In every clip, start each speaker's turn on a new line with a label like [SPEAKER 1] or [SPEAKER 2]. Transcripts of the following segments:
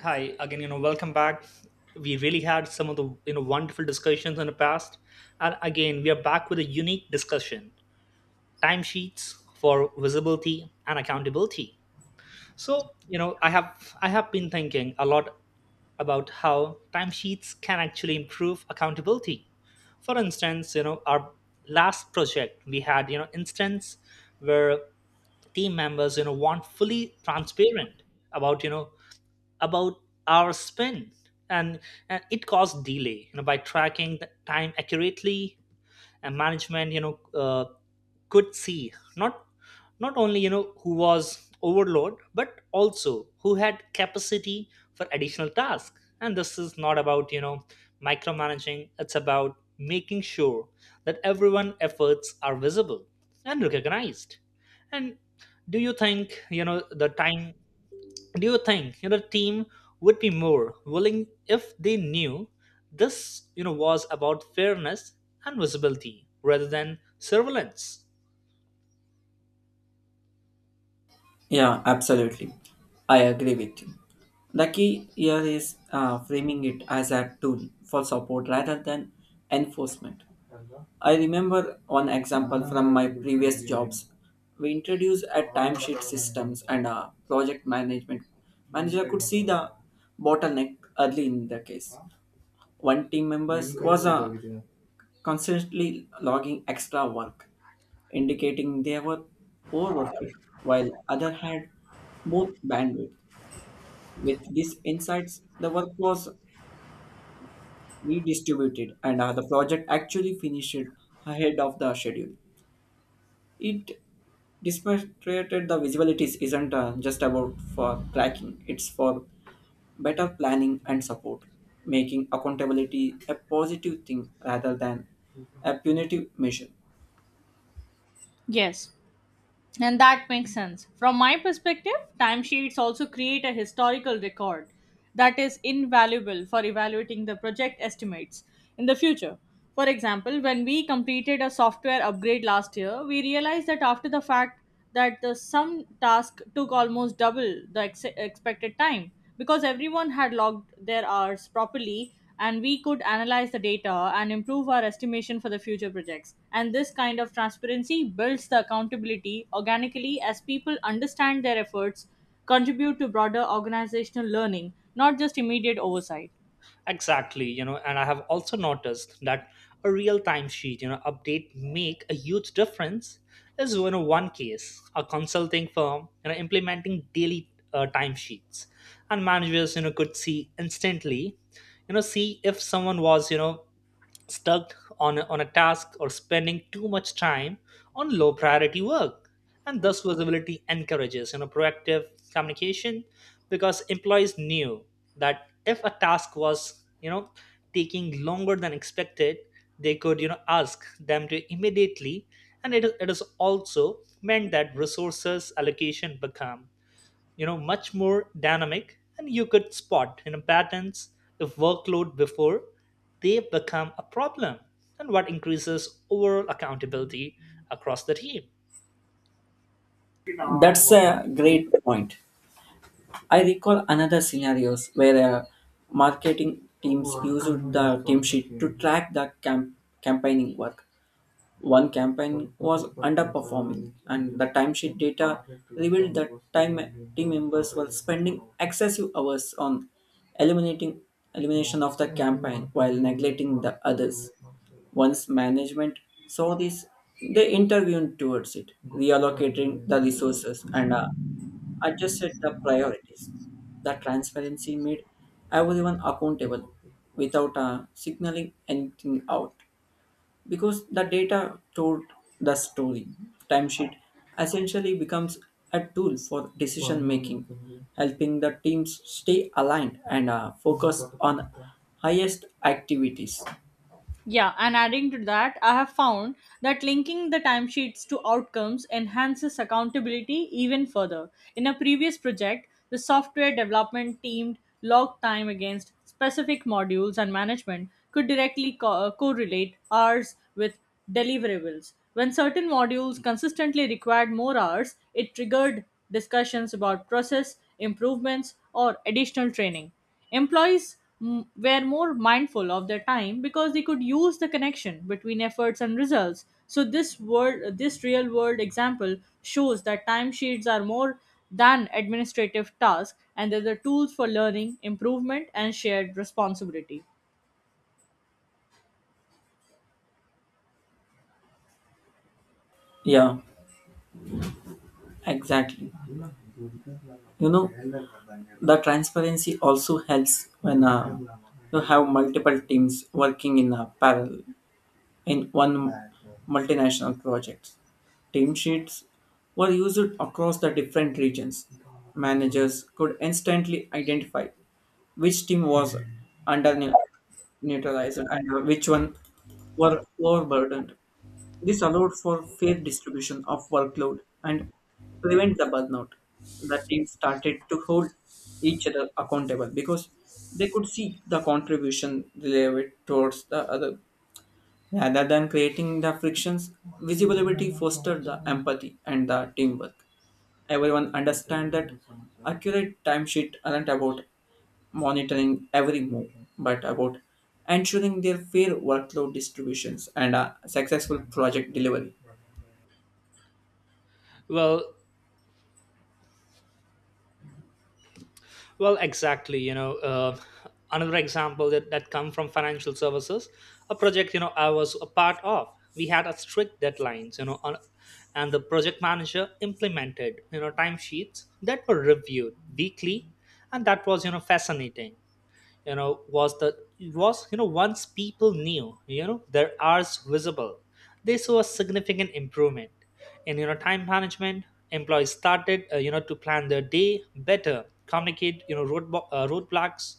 [SPEAKER 1] Hi again, welcome back. We really had some of the wonderful discussions in the past, and again we are back with a unique discussion: timesheets for visibility and accountability. So I have been thinking a lot about how timesheets can actually improve accountability. For instance, our last project we had instance where team members want fully transparent about you know about our spent, and, and it caused delay by tracking the time accurately, and management could see not only who was overload, but also who had capacity for additional tasks. And this is not about micromanaging, it's about making sure that everyone efforts are visible and recognized. And do you think you know the time do you think team would be more willing if they knew this, was about fairness and visibility rather than surveillance?
[SPEAKER 2] Yeah, absolutely. I agree with you. The key here is framing it as a tool for support rather than enforcement. I remember one example from my previous jobs. We introduced a timesheet systems and a project management manager could see the bottleneck early in the case. One team member was constantly logging extra work, indicating they were overworking, while other had more bandwidth. With these insights, the work was redistributed and the project actually finished ahead of the schedule. It demonstrated the visibilities isn't just about for tracking, it's for better planning and support, making accountability a positive thing rather than a punitive measure.
[SPEAKER 3] Yes, and that makes sense. From my perspective, timesheets also create a historical record that is invaluable for evaluating the project estimates in the future. For example, when we completed a software upgrade last year, we realized that after the fact that the sum task took almost double the expected time because everyone had logged their hours properly and we could analyze the data and improve our estimation for the future projects. And this kind of transparency builds the accountability organically as people understand their efforts, contribute to broader organizational learning, not just immediate oversight.
[SPEAKER 1] Exactly, and I have also noticed that a real-time sheet, update make a huge difference. Is one case a consulting firm, implementing daily timesheets, and managers, could see instantly, see if someone was, stuck on a task or spending too much time on low priority work. And thus visibility encourages proactive communication, because employees knew that if a task was taking longer than expected, they could ask them to immediately. And it is also meant that resources allocation become much more dynamic, and you could spot patterns of workload before they become a problem, and what increases overall accountability across the team.
[SPEAKER 2] That's a great point. I recall another scenarios where marketing teams used the team sheet to track the campaigning work. One campaign was underperforming, and the timesheet data revealed that time team members were spending excessive hours on eliminating elimination of the campaign while neglecting the others. Once management saw this, they intervened towards it, reallocating the resources and adjusted the priorities. The transparency made everyone accountable without signaling anything out because the data told the story. Timesheet essentially becomes a tool for decision making, helping the teams stay aligned and focus on highest activities.
[SPEAKER 3] Yeah, and adding to that, I have found that linking the timesheets to outcomes enhances accountability even further. In a previous project, the software development team logged time against specific modules, and management could directly correlate hours with deliverables. When certain modules consistently required more hours, it triggered discussions about process improvements or additional training. Were more mindful of their time because they could use the connection between efforts and results. So this real world example shows that timesheets are more than administrative tasks and they're the tools for learning, improvement, and shared responsibility.
[SPEAKER 2] Yeah, exactly. You know, the transparency also helps when you have multiple teams working in parallel in one multinational project. Team sheets were used across the different regions. Managers could instantly identify which team was under neu- neutralized and which one were overburdened. This allowed for fair distribution of workload and prevent the burnout. The team started to hold each other accountable because they could see the contribution delivered towards the other. Rather than creating the frictions, visibility fostered the empathy and the teamwork. Everyone understand that accurate timesheet aren't about monitoring every move, but about ensuring their fair workload distributions and a successful project delivery.
[SPEAKER 1] Well well exactly, another example that come from financial services. A project I was a part of, we had a strict deadlines on, and the project manager implemented timesheets that were reviewed weekly. And that was fascinating. You know was the it was you know Once people knew their hours visible, they saw a significant improvement in time management. Employees started to plan their day better, communicate roadblocks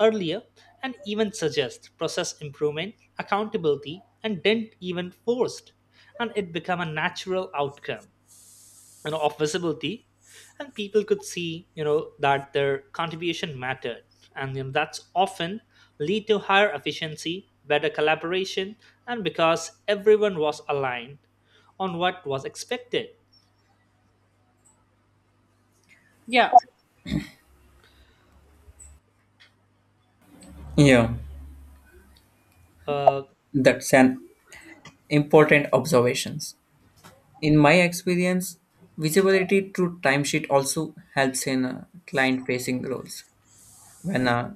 [SPEAKER 1] earlier, and even suggest process improvement. Accountability and didn't even forced, and it become a natural outcome of visibility. And people could see that their contribution mattered, and that's often lead to higher efficiency, better collaboration, and because everyone was aligned on what was expected.
[SPEAKER 3] Yeah,
[SPEAKER 2] Yeah,
[SPEAKER 1] uh,
[SPEAKER 2] that's an important observations. In my experience, visibility through timesheet also helps in client facing roles. When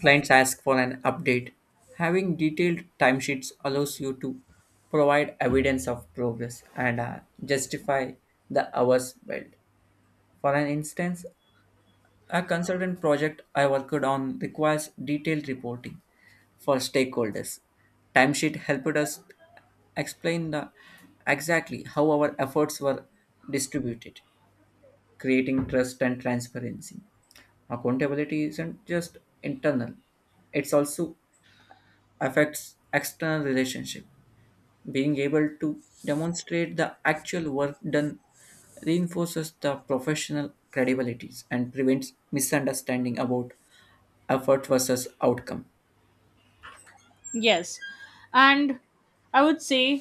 [SPEAKER 2] clients ask for an update, having detailed timesheets allows you to provide evidence of progress and justify the hours billed. For an instance, a consultant project I worked on requires detailed reporting for stakeholders. Timesheet helped us explain the exactly how our efforts were distributed, creating trust and transparency. Accountability isn't just internal, it's also affects external relationship. Being able to demonstrate the actual work done reinforces the professional credibilities and prevents misunderstanding about effort versus outcome.
[SPEAKER 3] yes. And I would say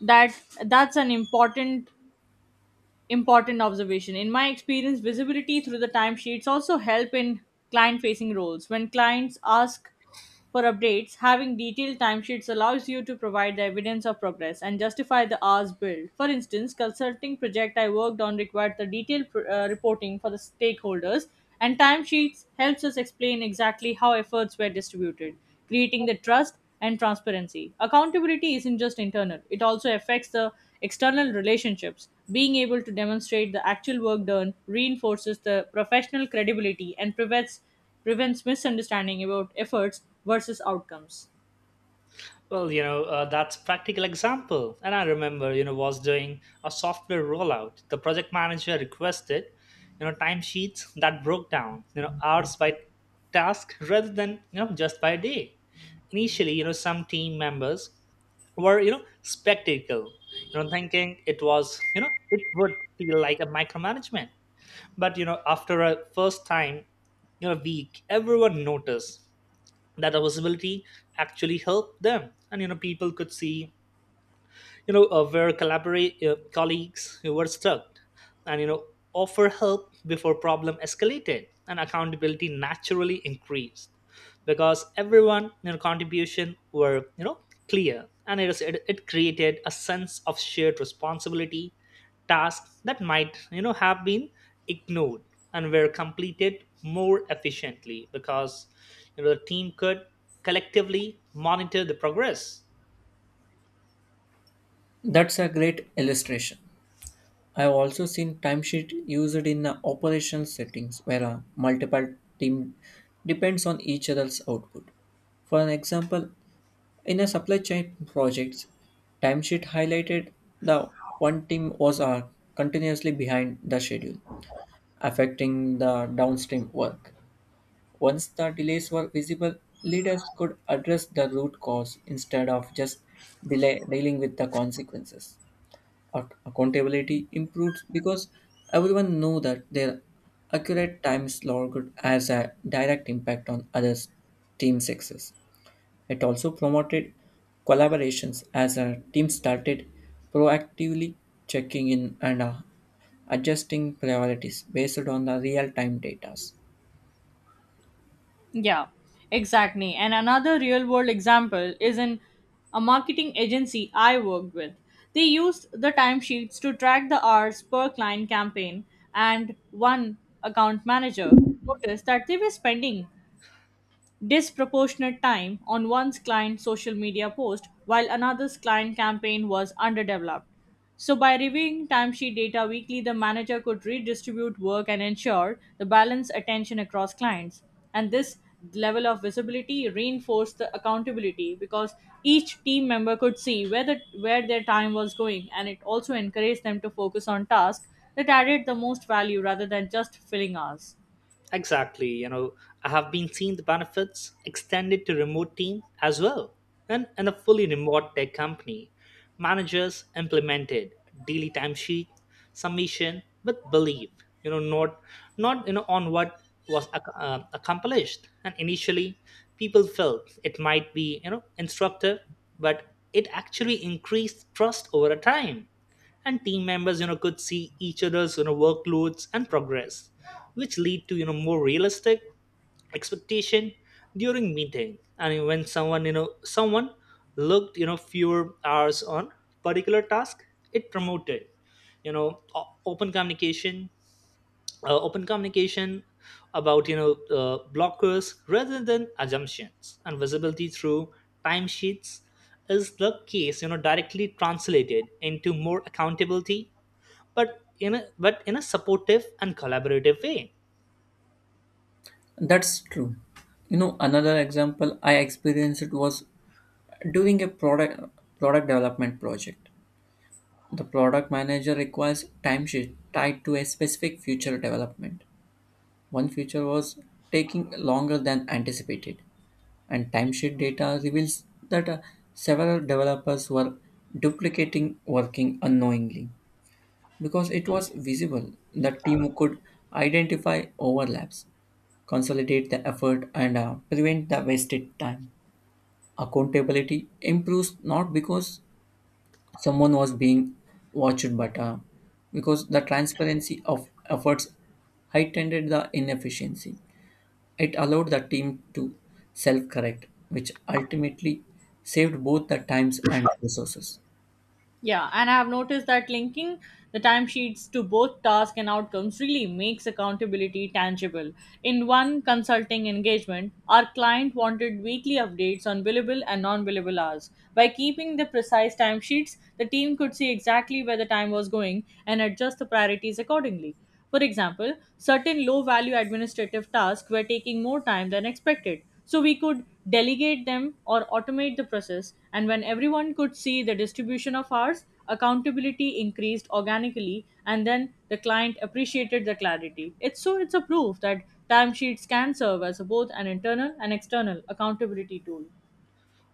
[SPEAKER 3] that that's an important observation. In my experience, visibility through the timesheets also help in client facing roles. When clients ask for updates, having detailed timesheets allows you to provide the evidence of progress and justify the hours billed. For instance, consulting project I worked on required the detailed reporting for the stakeholders, and timesheets helps us explain exactly how efforts were distributed, creating the trust and transparency. Accountability isn't just internal; it also affects the external relationships. Being able to demonstrate the actual work done reinforces the professional credibility and prevents misunderstanding about efforts versus outcomes.
[SPEAKER 1] that's practical example. And I remember was doing a software rollout, the project manager requested timesheets that broke down hours by task rather than just by day. Initially some team members were spectacle, thinking it was, it would feel like a micromanagement. But after a first time week, everyone noticed that our visibility actually helped them. And people could see where collaborate colleagues who were stuck and offer help before problem escalated. And accountability naturally increased because everyone contribution were clear, and it created a sense of shared responsibility. Tasks that might have been ignored and were completed more efficiently because the team could collectively monitor the progress.
[SPEAKER 2] That's a great illustration. I've also seen timesheet used in the operational settings where a multiple team depends on each other's output. For an example, in a supply chain projects, timesheet highlighted the one team was continuously behind the schedule, affecting the downstream work. Once the delays were visible, leaders could address the root cause instead of just dealing with the consequences. Accountability improved because everyone knew that their accurate time slot could has a direct impact on others' team success. It also promoted collaborations as a team started proactively checking in and adjusting priorities based on the real-time data.
[SPEAKER 3] Yeah, exactly. And another real world example is in a marketing agency I worked with. They used the timesheets to track the hours per client campaign, and one account manager noticed that they were spending disproportionate time on one's client's social media post while another's client campaign was underdeveloped. So, by reviewing timesheet data weekly, the manager could redistribute work and ensure the balanced attention across clients. And this level of visibility reinforced the accountability because each team member could see where their time was going and it also encouraged them to focus on tasks that added the most value rather than just filling hours.
[SPEAKER 1] Exactly. I have been seeing the benefits extended to remote team as well. And in a fully remote tech company, managers implemented daily timesheet submission with belief. You know, not not on what was accomplished. And initially, people felt it might be instructive, but it actually increased trust over a time. And team members could see each other's workloads and progress, which lead to more realistic expectation during meeting. And when someone looked fewer hours on particular task, it promoted you know o- open communication open communication about blockers rather than assumptions. And visibility through timesheets is the case directly translated into more accountability, but in a supportive and collaborative way.
[SPEAKER 2] That's true. You know, another example I experienced was during a product development project. The product manager requires timesheet tied to a specific future development. One feature was taking longer than anticipated, and timesheet data reveals that several developers were duplicating working unknowingly. Because it was visible, the team could identify overlaps, consolidate the effort and prevent the wasted time. Accountability improves not because someone was being watched but because the transparency of efforts heightened the inefficiency. It allowed the team to self correct, which ultimately saved both the times and resources.
[SPEAKER 3] Yeah, and I have noticed that linking the timesheets to both tasks and outcomes really makes accountability tangible. In one consulting engagement, our client wanted weekly updates on billable and non billable hours. By keeping the precise timesheets, the team could see exactly where the time was going and adjust the priorities accordingly. For example, certain low value administrative tasks were taking more time than expected. So we could delegate them or automate the process. And when everyone could see the distribution of hours, accountability increased organically and then the client appreciated the clarity. It's a proof that timesheets can serve as both an internal and external accountability tool.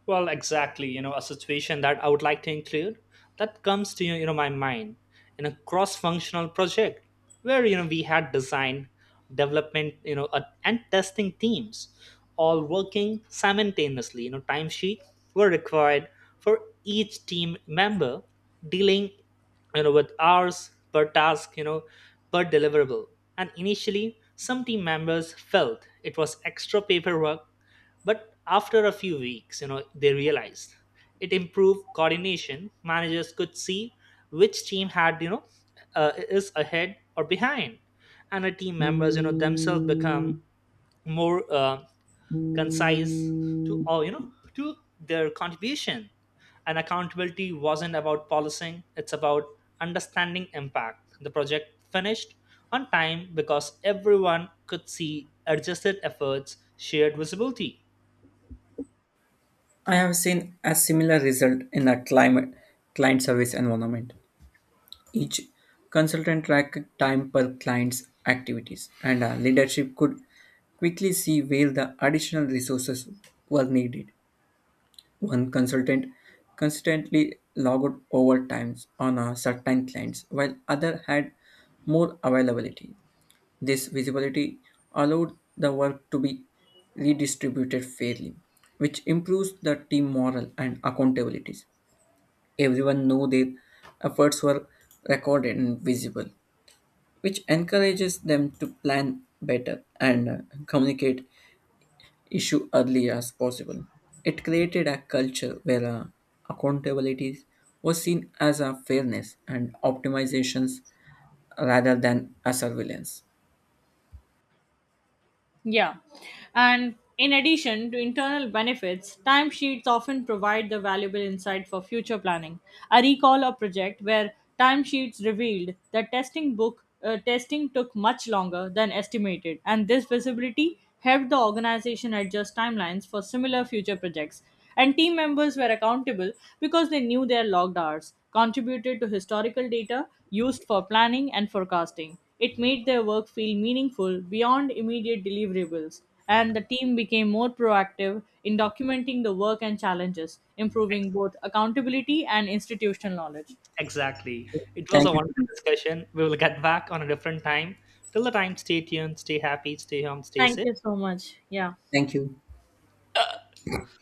[SPEAKER 1] Well, exactly. A situation that I would like to include that comes to my mind, in a cross-functional project where we had design, development, and testing teams all working simultaneously. Timesheet were required for each team member dealing with hours per task per deliverable. And initially some team members felt it was extra paperwork, but after a few weeks, they realized it improved coordination. Managers could see which team had, is ahead or behind, and the team members, themselves become more concise to all, to their contribution. And accountability wasn't about policing; it's about understanding impact. The project finished on time because everyone could see adjusted efforts, shared visibility.
[SPEAKER 2] I have seen a similar result in a climate client service environment. Each consultant tracked time per client's activities, and a leadership could quickly see where the additional resources were needed. One consultant constantly logged overtimes on a certain clients, while other had more availability. This visibility allowed the work to be redistributed fairly, which improves the team morale and accountabilities. Everyone know their efforts were recorded and visible, which encourages them to plan better and communicate issue early as possible. It created a culture where accountability was seen as a fairness and optimizations rather than a surveillance.
[SPEAKER 3] Yeah. And in addition to internal benefits, timesheets often provide the valuable insight for future planning. I recall a project where timesheets revealed that testing took much longer than estimated, and this visibility helped the organization adjust timelines for similar future projects. And team members were accountable because they knew their logged hours, contributed to historical data used for planning and forecasting. It made their work feel meaningful beyond immediate deliverables, and the team became more proactive in documenting the work and challenges, improving both accountability and institutional knowledge.
[SPEAKER 1] Exactly. It was
[SPEAKER 2] Thank
[SPEAKER 1] a
[SPEAKER 2] you.
[SPEAKER 1] wonderful discussion. We will get back on a different time. Till the time, stay tuned, stay happy, stay home, stay
[SPEAKER 3] Thank you
[SPEAKER 1] safe.
[SPEAKER 3] so much. Yeah.
[SPEAKER 2] Thank you.